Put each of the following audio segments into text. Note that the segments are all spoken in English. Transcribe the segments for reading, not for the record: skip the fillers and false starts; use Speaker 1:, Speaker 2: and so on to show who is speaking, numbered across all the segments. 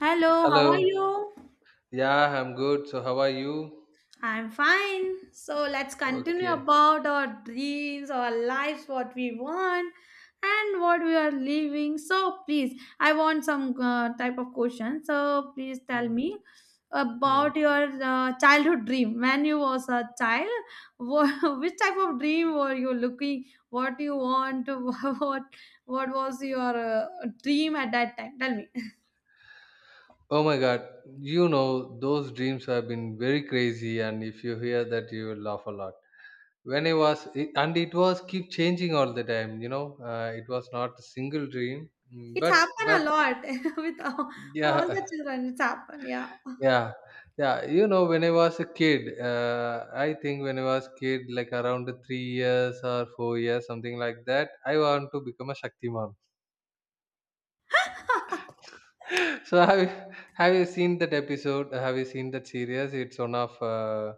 Speaker 1: Hello, how are
Speaker 2: Hello.
Speaker 1: you?
Speaker 2: Yeah, I'm good. So how are you?
Speaker 1: I'm fine. So let's continue
Speaker 2: Okay.
Speaker 1: about our dreams, our lives, what we want, and what we are living. So please, I want some type of question. So please tell
Speaker 2: Hmm.
Speaker 1: me
Speaker 2: Hmm.
Speaker 1: about your childhood dream. When you was a child, what, which type of dream were you looking? What you want? What what was your dream at that time? Tell me.
Speaker 2: Oh my God. You know, those dreams have been very crazy, and if you hear that, you will laugh a lot. When I was, it, and it was keep changing all the time. You know, it was not a single dream,
Speaker 1: It's
Speaker 2: but
Speaker 1: happened a lot with all
Speaker 2: yeah,
Speaker 1: the children. It's happened, yeah.
Speaker 2: yeah, yeah. You know, when I was a kid, I think when I was kid, like around 3 years or 4 years, something like that, I want to become a Shaktiman. So have you seen that episode? Have you seen that series? It's one of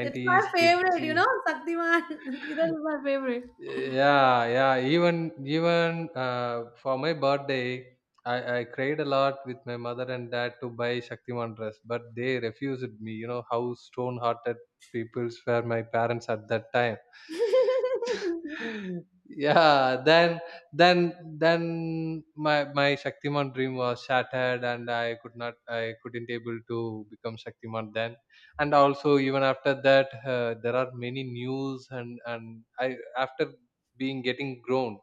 Speaker 1: It's my
Speaker 2: kids
Speaker 1: favorite, you
Speaker 2: series.
Speaker 1: know, Saktiman. That is my favorite.
Speaker 2: Yeah, yeah. Even for my birthday, I cried a lot with my mother and dad to buy Shaktiman dress, but they refused me. You know how stone-hearted peoples were my parents at that time. Yeah, then then then my Shaktiman dream was shattered, and I couldn't able to become Shaktiman then. And also, even after that, there are many news, and I, after being getting grown,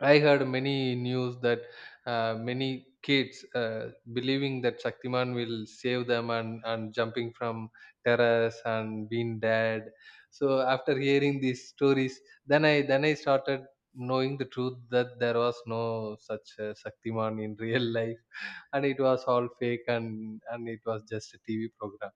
Speaker 2: I heard many news that many kids believing that Shaktiman will save them, and jumping from terrace and being dead. So after hearing these stories, then I started knowing the truth that there was no such Shaktiman in real life, and it was all fake, and it was just a TV program.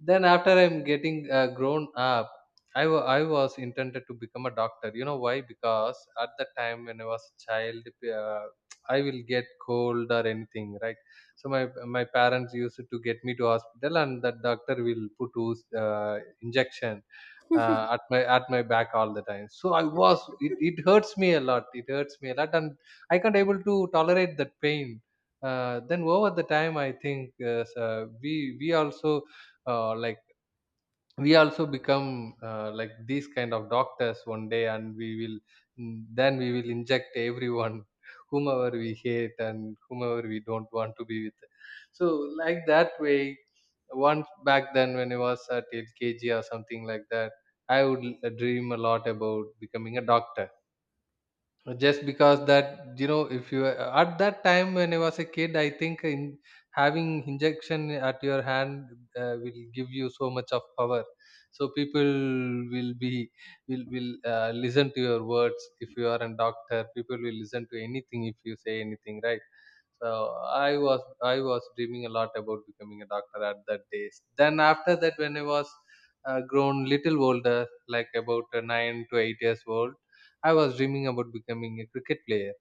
Speaker 2: Then after I'm getting grown up, I was intended to become a doctor. You know why? Because at the time when I was a child, uh, I will get cold or anything, right? So my parents used to get me to hospital, and the doctor will put ooze, injection, at my back all the time. So it hurts me a lot. It hurts me a lot, and I can't able to tolerate that pain. Then, over the time, I think, so we also, like, we also become, like, these kind of doctors one day, and then we will inject everyone whomever we hate and whomever we don't want to be with. So, like that way, once, back then, when I was at LKG or something like that, I would dream a lot about becoming a doctor, just because that, you know, if you, at that time when I was a kid, I think, in having injection at your hand, will give you so much of power. So people will be will listen to your words. If you are a doctor, people will listen to anything if you say anything, right? So I was dreaming a lot about becoming a doctor at that days. Then, after that, when I was grown little older, like about 9 to 8 years old, I was dreaming about becoming a cricket player.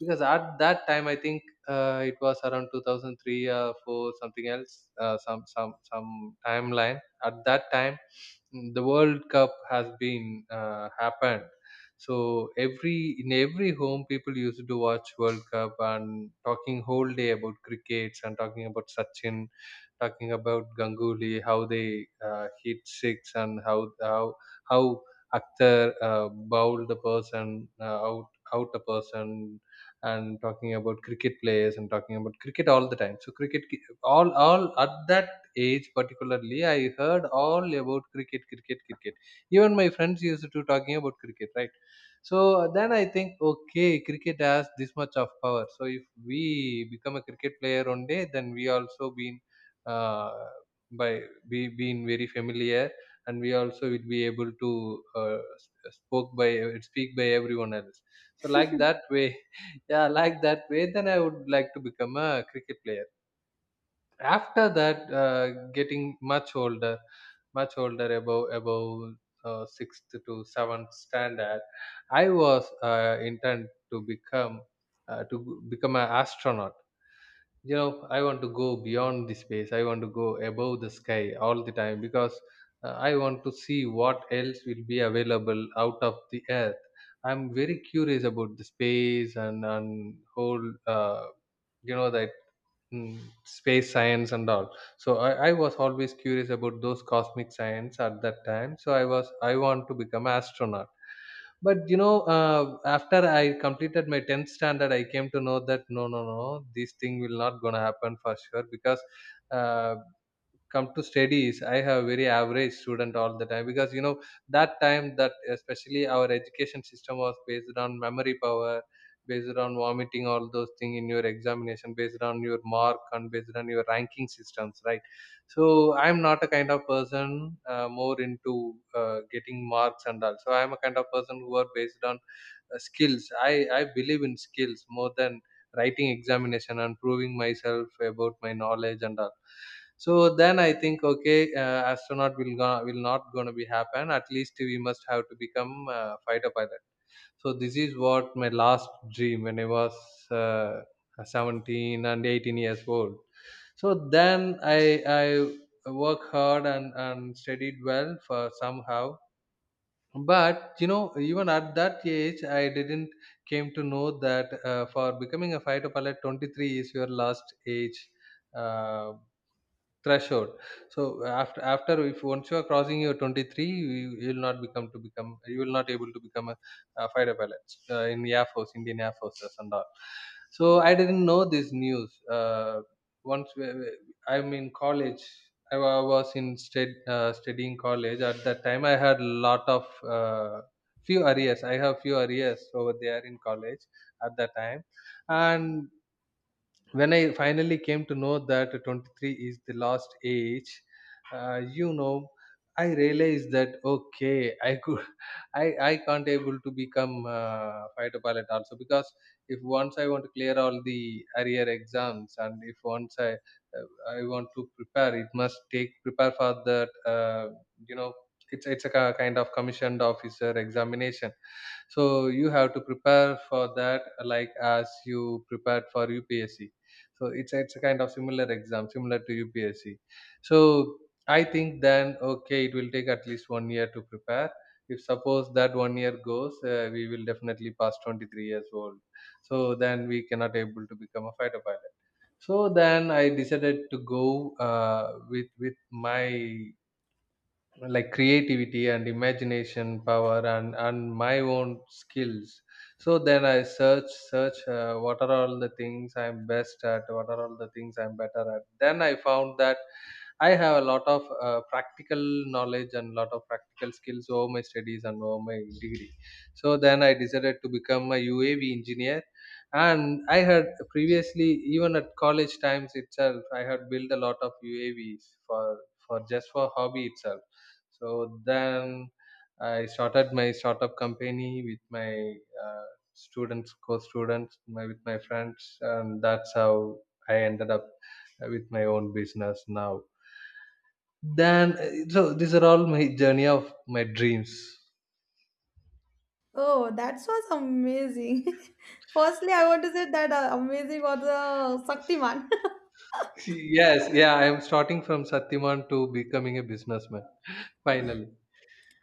Speaker 2: Because at that time, I think it was around 2003 or 4, something else, some timeline. At that time, the World Cup has been happened. So every in every home, people used to watch World Cup and talking whole day about crickets and talking about Sachin, talking about Ganguly, how they hit six, and how Akhtar bowled the person out a person, and talking about cricket players and talking about cricket all the time. So cricket, all at that age particularly, I heard all about cricket, cricket, cricket. Even my friends used to talking about cricket, right? So then I think, okay, cricket has this much of power. So if we become a cricket player one day, then we also been, uh, by being very familiar, and we also will be able to s- spoke by speak by everyone else. So, like that way, yeah, like that way, then I would like to become a cricket player. After that, getting much older, above sixth to seventh standard, I was intent to become, to become an astronaut. You know, I want to go beyond the space. I want to go above the sky all the time, because I want to see what else will be available out of the earth. I'm very curious about the space, and whole, you know, that, mm, space science and all. So I was always curious about those cosmic science at that time, so I want to become astronaut. But you know, after I completed my 10th standard, I came to know that no, no, no, this thing will not gonna happen for sure, because uh, come to studies, I have very average student all the time, because, you know, that time, that especially, our education system was based on memory power, based on vomiting all those things in your examination, based on your mark and based on your ranking systems, right? So I'm not a kind of person more into getting marks and all, so I'm a kind of person who are based on skills. I believe in skills more than writing examination and proving myself about my knowledge and all. So then I think, okay, astronaut will not going to be happen. At least we must have to become fighter pilot. So this is what my last dream, when I was uh, 17 and 18 years old. So then I work hard, and studied well for somehow. But you know, even at that age, I didn't came to know that, for becoming a fighter pilot, 23 is your last age. Uh, Threshold. So, after if once you are crossing your 23, you will not able to become a fighter pilot, in Air Force, Indian Air Forces and all. So I didn't know this news. Once, I'm in college. Was in studying college. At that time, I had lot of few arrears. I have few arrears over there in college at that time. And when I finally came to know that 23 is the last age, you know, I realized that, okay, I can't able to become fighter pilot also, because if once I want to clear all the arrear exams, and if once I want to prepare, it must take prepare for that. You know, it's a kind of commissioned officer examination, so you have to prepare for that, like as you prepared for UPSC. So it's a kind of similar exam, similar to UPSC. So I think then, okay, it will take at least one year to prepare. If suppose that one year goes, we will definitely pass 23 years old. So then we cannot able to become a fighter pilot. So then I decided to go, with, my, like, creativity and imagination power, and my own skills. So then I search what are all the things I'm best at, what are all the things I'm better at. Then I found that I have a lot of practical knowledge and lot of practical skills over my studies and over my degree. So then I decided to become a UAV engineer. And I had previously, even at college times itself, I had built a lot of UAVs for just for hobby itself. So then I started my startup company with my, uh, students, co-students, my with my friends, and that's how I ended up, with my own business now. Then, so these are all my journey of my dreams.
Speaker 1: Oh, that was amazing. Firstly, I want to say that amazing was Saktiman.
Speaker 2: Yes, yeah, I am starting from Satyaman to becoming a businessman. Finally.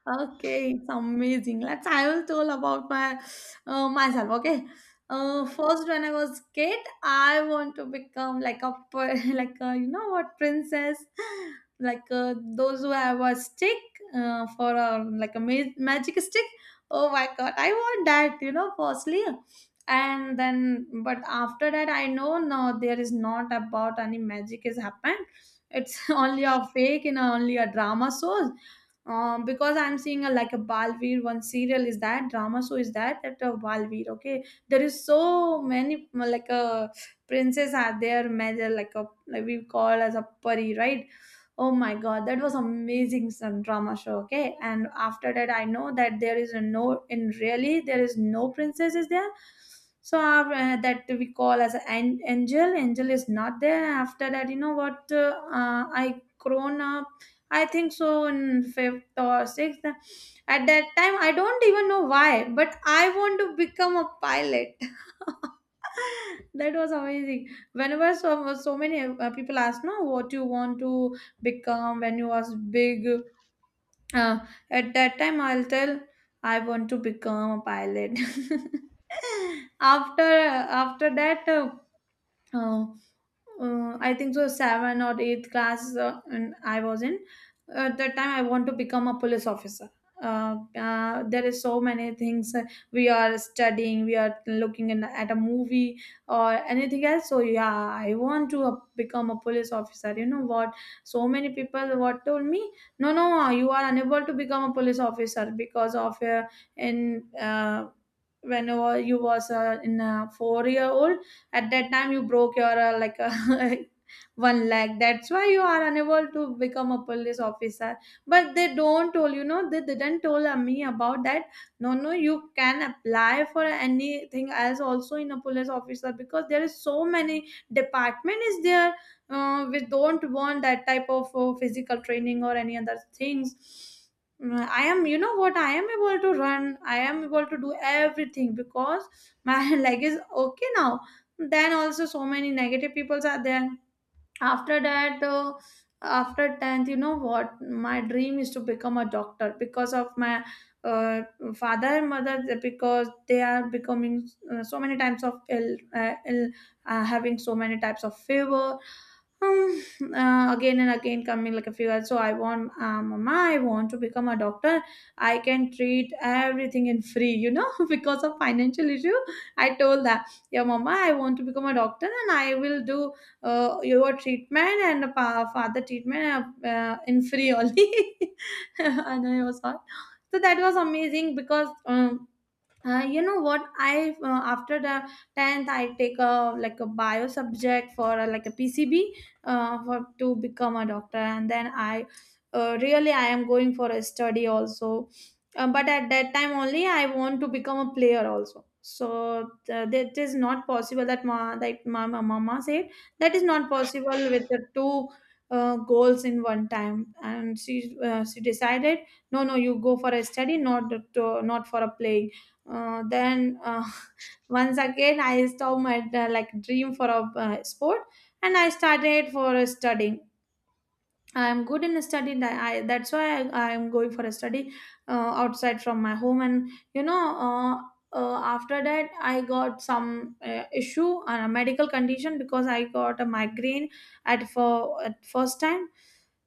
Speaker 1: Okay, it's amazing. Let's I will tell about my myself. Okay, first when I was kid, I want to become like a like a, you know what princess, like those who have a stick for a like a magic stick. Oh my god, I want that. You know, firstly, and then but after that, I know no, there is not about any magic has happened. It's only a fake and only a drama shows because I'm seeing a like a Balveer one serial is that drama show is that that Balveer. Okay, there is so many like a princess are there major like a like we call as a pari, right? Oh my god, that was amazing, some drama show. Okay, and after that I know that there is a no in really there is no princess is there. So that we call as an angel. Angel is not there. After that, you know what, I grown up. I think so in fifth or sixth. At that time, I don't even know why, but I want to become a pilot. That was amazing. Whenever so, so many people ask, no, what you want to become when you was big. Uh, at that time, I'll tell, I want to become a pilot. After that, uh, I think so, seven or eighth class, and I was in. At that time, I want to become a police officer. There is so many things we are studying. We are looking in, at a movie or anything else. So yeah, I want to become a police officer. You know what? So many people what told me, no, no, you are unable to become a police officer because of in whenever you was in a 4 year old. At that time you broke your like one leg, that's why you are unable to become a police officer. But they don't told, you know, they didn't told me about that. No, no, you can apply for anything else also in a police officer because there is so many department is there. We don't want that type of physical training or any other things. Mm, I am, you know what, I am able to run, I am able to do everything because my leg is okay now. Then also so many negative peoples are there. After that after 10th, you know what, my dream is to become a doctor because of my uh, father and mother, because they are becoming so many types of ill, ill having so many types of fever, um, again and again coming like a few hours. So I want, Mama, I want to become a doctor. I can treat everything in free, you know, because of financial issue. I told that, yeah, Mama, I want to become a doctor and I will do your treatment and the father treatment in free only. And I was like, so that was amazing because you know what, I after the 10th I take a like a bio subject for like a PCB for to become a doctor. And then I really I am going for a study also. But at that time only I want to become a player also. So that is not possible, that ma that my mama said that is not possible with the two goals in one time. And she decided no no you go for a study, not to, not for a play. Then once again I stopped my like dream for a sport, and I started for a studying. I'm good in study, that I that's why I'm going for a study uh, outside from my home. And you know, uh, after that I got some issue and a medical condition because I got a migraine at for at first time.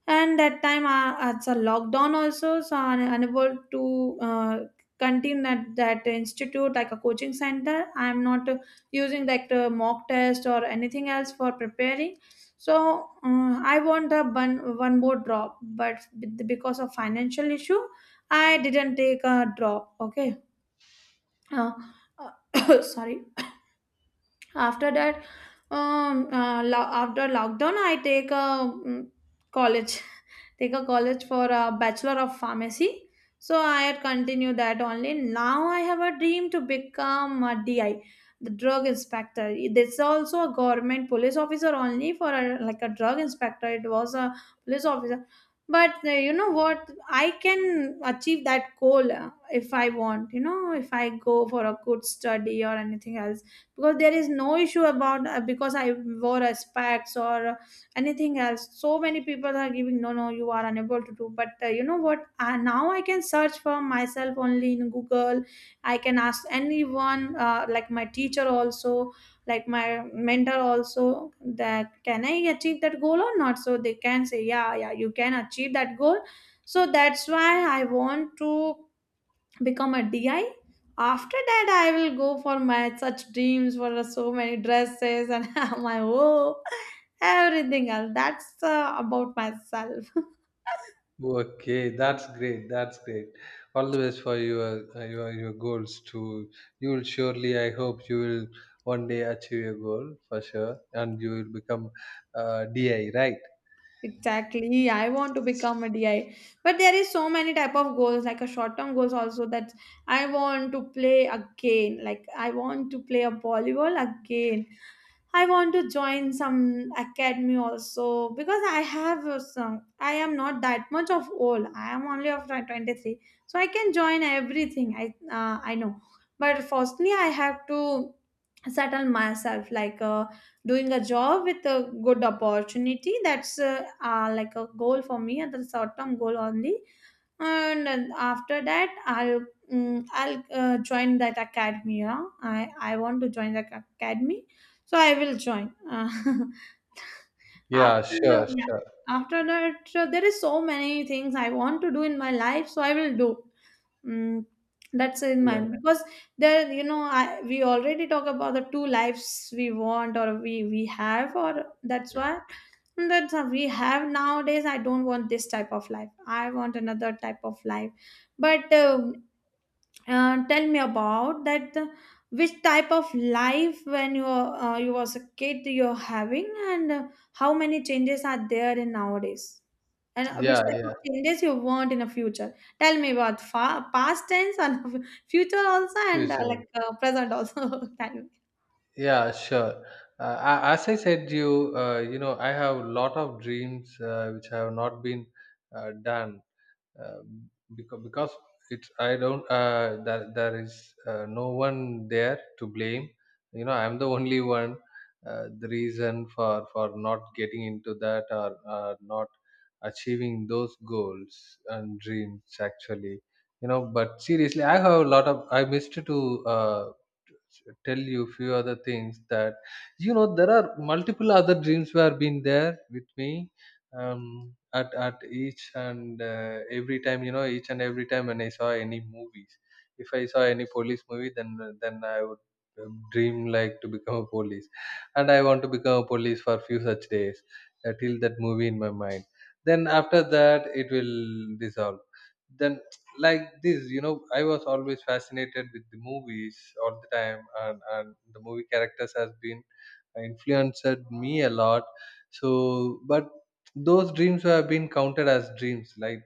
Speaker 1: And that time it's a lockdown also, so I'm unable to continue that, that institute like a coaching center. I'm not using like the mock test or anything else for preparing. So I want a one, one more drop, but because of financial issue I didn't take a drop. Okay, uh, sorry. After that after lockdown I take a mm, college take a college for a bachelor of pharmacy. So I had continued that only. Now I have a dream to become a DI, the drug inspector. It's also a government police officer only, for a like a drug inspector. It was a police officer. But you know what, I can achieve that goal if I want. You know, if I go for a good study or anything else, because there is no issue about because I wore a specs or anything else. So many people are giving no no you are unable to do. But you know what, now I can search for myself only in Google. I can ask anyone like my teacher also, like my mentor also, that can I achieve that goal or not. So they can say yeah yeah you can achieve that goal. So that's why I want to become a DI. After that, I will go for my such dreams for so many dresses and my oh everything else. That's about myself.
Speaker 2: Okay, that's great. That's great. All the best for your, your goals too. You will surely. I hope you will one day achieve your goal for sure, and you will become, DI, right?
Speaker 1: Exactly. I want to become a DI. But there is so many type of goals, like a short-term goals also, that I want to play again. Like I want to play a volleyball again. I want to join some academy also because I have some, I am not that much of old. I am only of 23. So I can join everything. I know. But firstly I have to settle myself like doing a job with a good opportunity. That's like a goal for me and the short term goal only. And then after that I'll mm, I'll join that academy, you know? I want to join the academy, so I will join
Speaker 2: Yeah, sure,
Speaker 1: yeah,
Speaker 2: sure.
Speaker 1: after that. So there is so many things I want to do in my life, so I will do, Mm, that's in
Speaker 2: Yeah,
Speaker 1: mind. Because there, you know, I, we already talk about the two lives we want or we have, or that's why Mm, that's what we have nowadays. I don't want this type of life. I want another type of life. But tell me about that the, which type of life when you were, you was a kid you're having. And how many changes are there in nowadays, and which
Speaker 2: yeah,
Speaker 1: type
Speaker 2: yeah.
Speaker 1: of changes you want in the future. Tell me about past tense, and future also,
Speaker 2: Sure,
Speaker 1: and
Speaker 2: sure.
Speaker 1: like present also time.
Speaker 2: Yeah, sure. As I said, I have a lot of dreams which have not been done, um, because it's, I don't, that there is, no one there to blame. You know, I'm the only one. The reason for, not getting into that, or not achieving those goals and dreams, actually, you know, but seriously, I have a lot of I missed to tell you few other things that, you know, there are multiple other dreams were been there with me, at each and every time, each and every time when I saw any movies. If I saw any police movie, then I would dream like to become a police, and I want to become a police for few such days till that movie in my mind. Then after that, it will dissolve. Then like this, I was always fascinated with the movies all the time, and the movie characters has been influenced me a lot so but those dreams have been counted as dreams like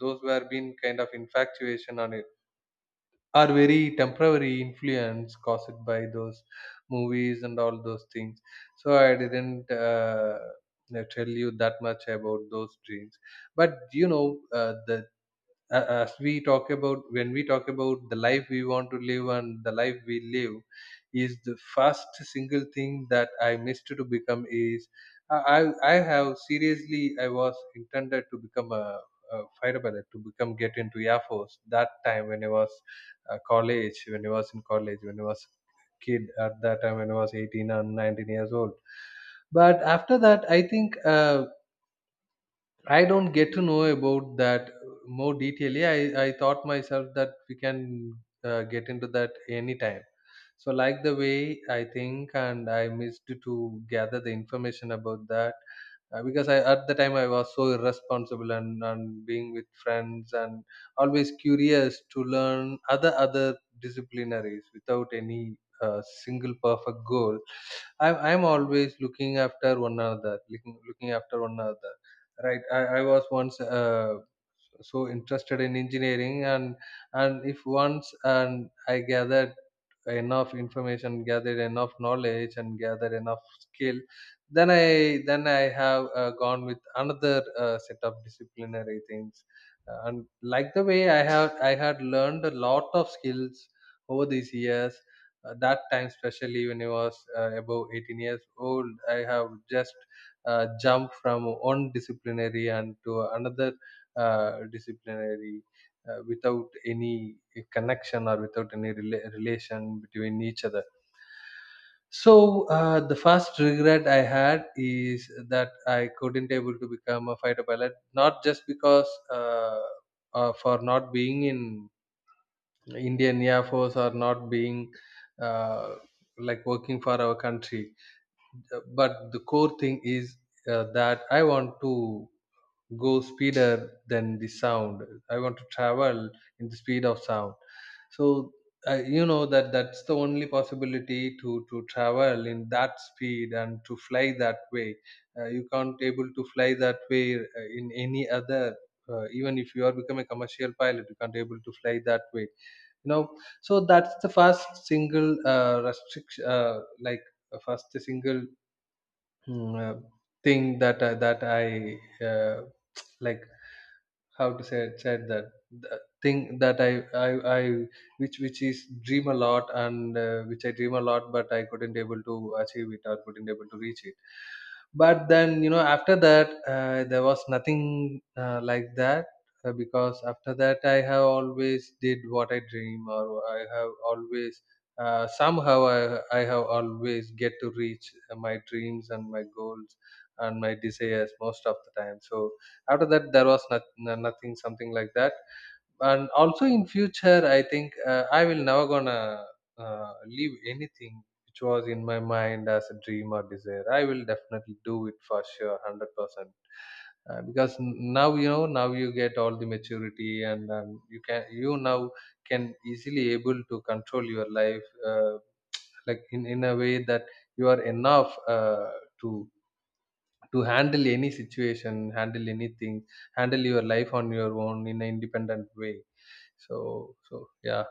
Speaker 2: those were been kind of infatuation on it are very temporary influence caused by those movies and all those things. So I didn't tell you that much about those dreams, but uh, the as we talk about, when we talk about the life we want to live and the life we live, is the first single thing that I missed to become is. I I have seriously, I was intended to become a fighter pilot, to become get into air force, that time when I was in college, when I was kid, at that time when I was 18 and 19 years old. But after that I think I don't get to know about that more detailedly. I thought myself that we can get into that anytime. So, like the way I think, and I missed to gather the information about that because I, at the time I was so irresponsible, and being with friends and always curious to learn other disciplinaries without any single perfect goal. I'm always looking after one another, looking after one another, right. I was once so interested in engineering, and if once, and I gathered enough information, gather enough knowledge and gather enough skill, then I have gone with another set of disciplinary things. And Like the way I have, I had learned a lot of skills over these years, that time especially when I was above 18 years old. I have just jumped from one disciplinary and to another uh, disciplinary without any connection or without any relation between each other. So the first regret I had is that I couldn't able to become a fighter pilot, not just because uh, for not being in Indian Air Force or not being uh, like working for our country, but the core thing is that I want to go speeder than the sound. I want to travel in the speed of sound. So you know, that's the only possibility to travel in that speed and to fly that way. You can't able to fly that way in any other. Even if you are become a commercial pilot, you can't able to fly that way, you know. So that's the first single restriction, first single mm, uh, thing that that I uh, like how to say said that, the thing that I I which is dream a lot, and which I dream a lot, but I couldn't able to achieve it or couldn't able to reach it. But then, you know, after that, there was nothing like that because after that, I have always did what I dream, or I have always I have always get to reach my dreams and my goals and my desires most of the time. So after that, there was nothing something like that. And also in future I think I will never gonna leave anything which was in my mind as a dream or desire. I will definitely do it for sure 100%, now you know, now you get all the maturity, and you can, you now can easily able to control your life, like in a way that you are enough to to handle any situation, handle anything, handle your life on your own in an independent way. So so yeah.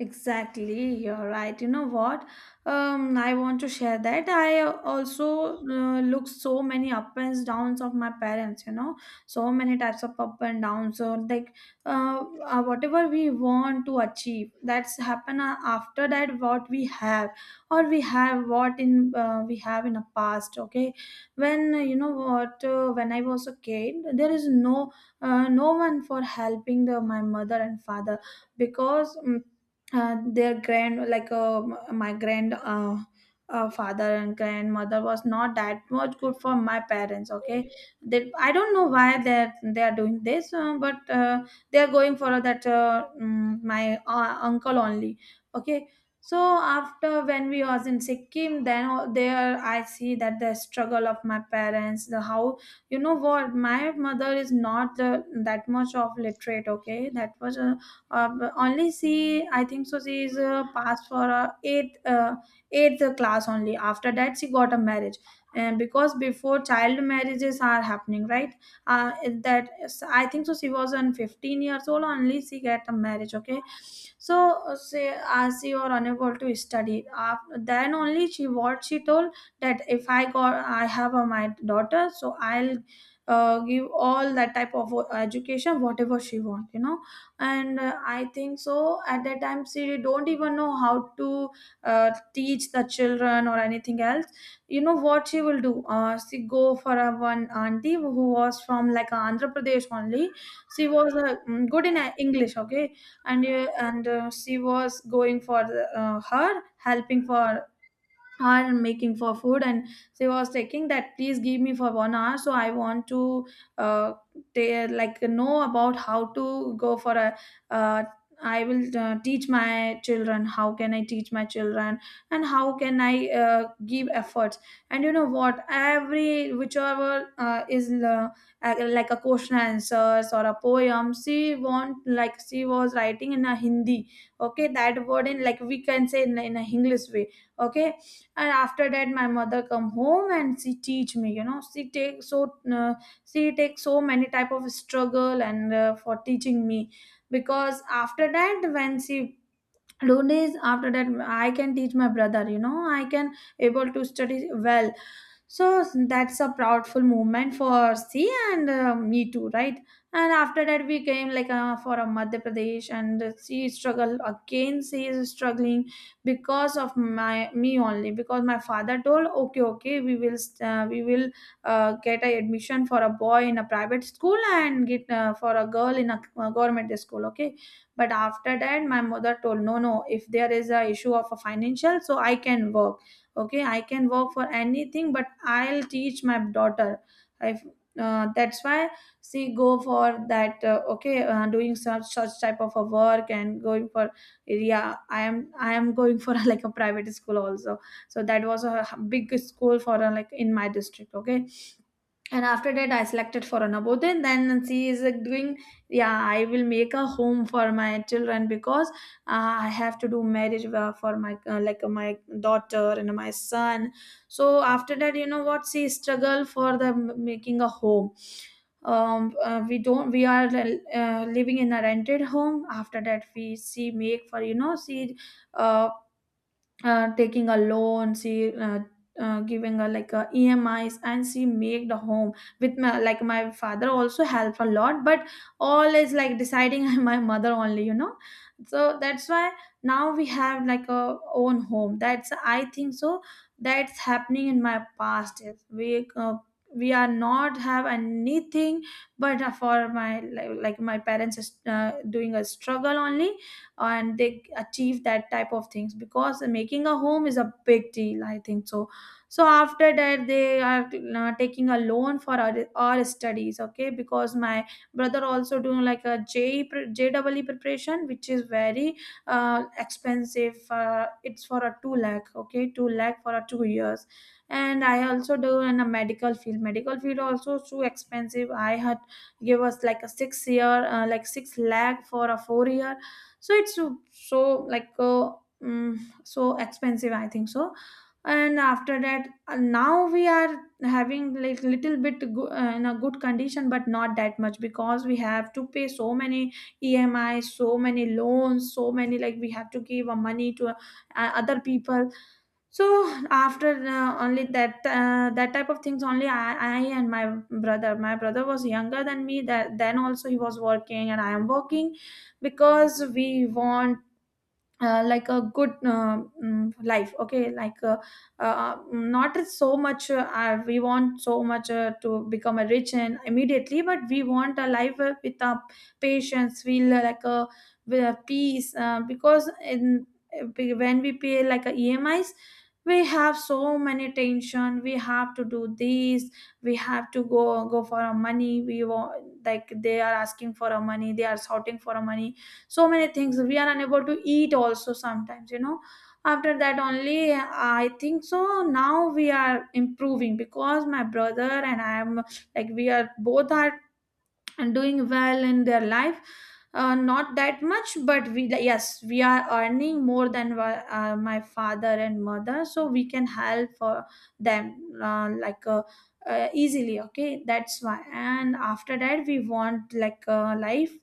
Speaker 1: Exactly, you're right. You know what? I want to share that I also look so many up and downs of my parents. You know, so many types of up and downs. So like, whatever we want to achieve, that's happen after that. What we have, or we have what in we have in the past. Okay, when you know what? When I was a kid, there is no no one for helping the my mother and father because. Mm, their grand like m- My grand father and grandmother was not that much good for my parents. Okay, they I don't know why they are doing this, but they are going for that, my uncle only. Okay. So, after when we was in Sikkim then there I see that the struggle of my parents, the how, you know what, my mother is not that much of literate. Okay, that was but only she, I think so, she is passed for eighth class only. After that she got a marriage, and because before child marriages are happening, right? uh, that, I think so, she was on 15 years old only, she get a marriage. Okay. So, say, as she are unable to study, after then only she, what she told, that if I got, I have a, my daughter, so I'll give all that type of education whatever she want, you know? And I think so at that time she don't even know how to teach the children or anything else. You know what she will do, she go for a one auntie who was from like Andhra Pradesh only. She was good in English. Okay, and she was going for the, her helping for, are making for food. And she was taking that, please give me for 1 hour, so I want to, uh they, like, know about how to go for a, uh I will teach my children, how can I teach my children, and how can I give efforts. And you know what, every whichever is like a question answers or a poem she want, like she was writing in a Hindi. Okay, that word in, like, we can say in, a English way. Okay. And after that my mother come home and she teach me, you know, uh, she take so many type of struggle and for teaching me. Because after that when she do this, after that I can teach my brother, you know, I can able to study well. So that's a proudful movement for C and me too, right? And after that, we came like for a Madhya Pradesh, and she struggled again. She is struggling because of my me only, because my father told, okay, okay, we will get a admission for a boy in a private school and get for a girl in a, government school. Okay. But after that my mother told, no, no, if there is a issue of a financial, so I can work. Okay, I can work for anything, but I'll teach my daughter. I That's why she go for that, okay, doing such type of a work and going for, yeah, I am going for like a private school also. So that was a big school for like in my district. Okay. And after that I selected for anaboden, then she is like doing, yeah, I will make a home for my children because I have to do marriage for my my daughter and my son. So after that, you know what, she struggle for the making a home. We don't we are living in a rented home. After that we, she make for, you know, she uh, taking a loan, she giving a like a emis, and she make the home with my, like, my father also helped a lot, but all is like deciding my mother only, you know. So that's why now we have like a own home. That's, I think so, that's happening in my past, is we are not have anything, but for my, like, my parents is doing a struggle only, and they achieve that type of things because making a home is a big deal, I think so. So after that they are taking a loan for our studies. Okay, because my brother also doing like a J pre- jwe preparation which is very expensive, it's for a 2 lakh. Okay, 2 lakh for a 2 years. And I also do in a medical field. Medical field also too expensive. I had give us like a 6 year, 6 lakh for a 4 year. So it's so, like mm, so expensive, I think so. And after that, now we are having like little bit in a good condition, but not that much because we have to pay so many emi, so many loans, so many like, we have to give money to other people. So, after only that, that type of things only, I and my brother was younger than me, that then also he was working and I am working, because we want like a good life. Okay, like not so much, we want so much to become a rich and immediately, but we want a life with patience feel, like a with a peace, because in when we pay like a emis, we have so many tension, we have to do this, we have to go for our money, we want like, they are asking for our money, they are shouting for our money, so many things, we are unable to eat also sometimes, you know. After that only, I think so, now we are improving because my brother and I am, like, we are both are and doing well in their life. Not that much, but we like, yes, we are earning more than my father and mother, so we can help them uh, like uh, easily. Okay, that's why. And after that we want like life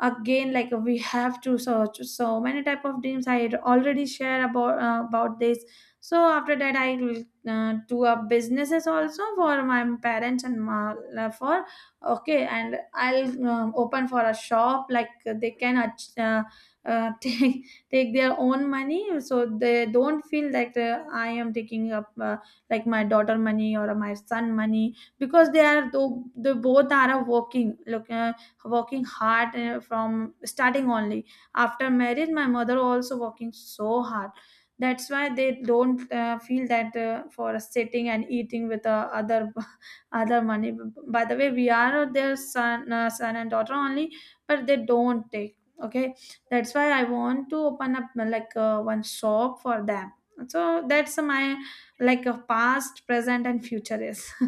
Speaker 1: again, like we have to search so many type of dreams, I had already shared about this. So after that I will do a businesses also for my parents and my, for. Okay, and I'll open for a shop like they can uh, take take their own money, so they don't feel that I am taking up, like, my daughter money or my son money, because they are, though they both are working, look, working hard from starting only. After marriage, my mother also working so hard. That's why they don't feel that, for sitting and eating with other other money. By the way, we are their son, son and daughter only, but they don't take. Okay, that's why I want to open up one shop for them. So that's my like a past, present, and future is.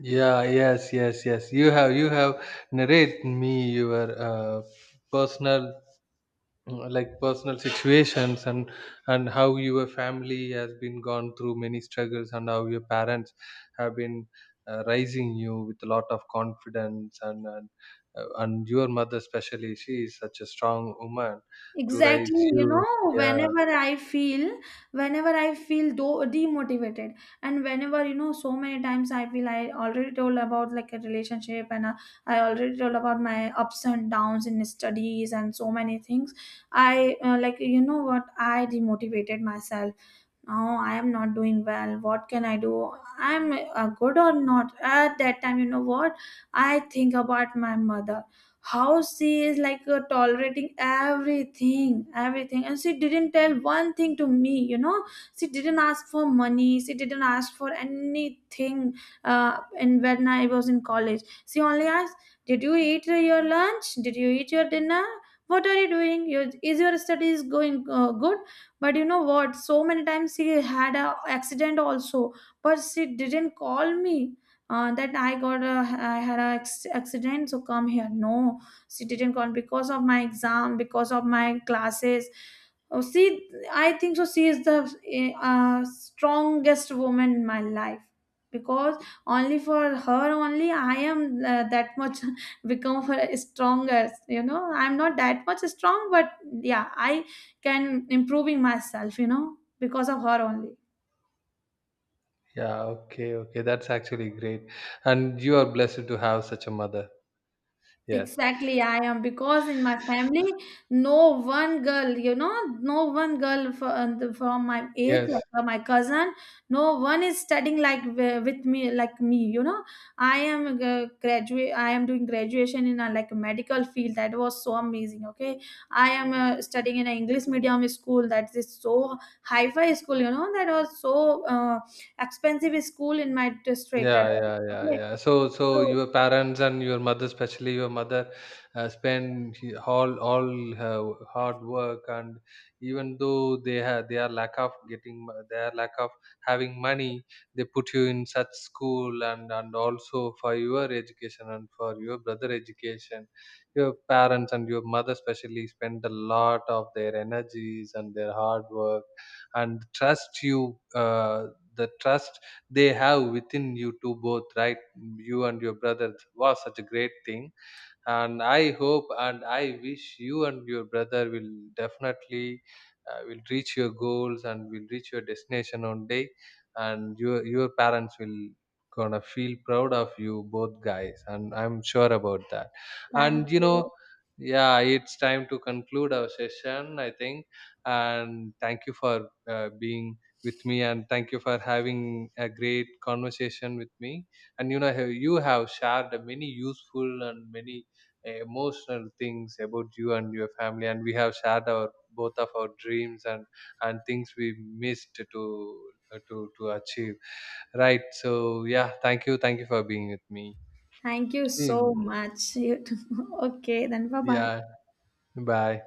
Speaker 2: Yeah, yes, yes, yes, you have, you have narrate me your personal like personal situations, and how your family has been gone through many struggles, and how your parents have been raising you with a lot of confidence, and and your mother especially, she is such a strong woman to raise
Speaker 1: Exactly, you
Speaker 2: you.
Speaker 1: know,
Speaker 2: Yeah.
Speaker 1: whenever I feel though demotivated, and whenever, you know, so many times I feel, I already told about like a relationship, and I already told about my ups and downs in studies and so many things. I, like, you know what, I demotivated myself. Oh, I am not doing well, what can I do, I'm good or not. At that time, you know what, I think about my mother. How she is like, tolerating everything everything, and she didn't tell one thing to me, you know. She didn't ask for money, she didn't ask for anything. In when I was in college, she only asked, did you eat your lunch, did you eat your dinner, what are you doing your, is your studies going good. But you know what, so many times she had a accident also, but she didn't call me, that, I had a accident, so come here, no, she didn't call because of my exam, because of my classes. Oh, see, I think so, she is the strongest woman in my life, because only for her only, I am that much become for stronger, you know. I'm not that much strong, but yeah, I can improving myself, you know, because of her only.
Speaker 2: Yeah, okay, okay, that's actually great. And you are blessed to have such a mother. Yes.
Speaker 1: Exactly, I am, because in my family, no one girl, you know, no one girl from, my age, like
Speaker 2: Yes.
Speaker 1: my cousin, no one is studying like with me, like me, you know. I am graduate, I am doing graduation in a like medical field. That was so amazing. Okay, I am studying in an English medium school. That is so high-fi school, you know. That was so expensive school in my district. That
Speaker 2: Yeah,
Speaker 1: was.
Speaker 2: yeah, yeah,
Speaker 1: Okay.
Speaker 2: yeah. So, so
Speaker 1: So
Speaker 2: your parents and your mother, especially your mother, spend all her hard work, and even though they have their lack of getting their lack of having money, they put you in such school, and also for your education and for your brother education. Your parents and your mother especially spend a lot of their energies and their hard work, and trust you. The trust they have within you two both, right? You and your brother was such a great thing, and I hope and I wish you and your brother will definitely will reach your goals and will reach your destination one day, and your parents will gonna feel proud of you both guys, and I'm sure about that.
Speaker 1: thank
Speaker 2: And you
Speaker 1: you.
Speaker 2: know, yeah, it's time to conclude our session, I think. And thank you for being with me, and thank you for having a great conversation with me. And you know, you have shared many useful and many emotional things about you and your family, and we have shared our both of our dreams and things we missed to achieve, right? So yeah, thank you, thank you for being with me.
Speaker 1: Thank you so
Speaker 2: Mm,
Speaker 1: much. Okay, then bye bye.
Speaker 2: yeah, bye.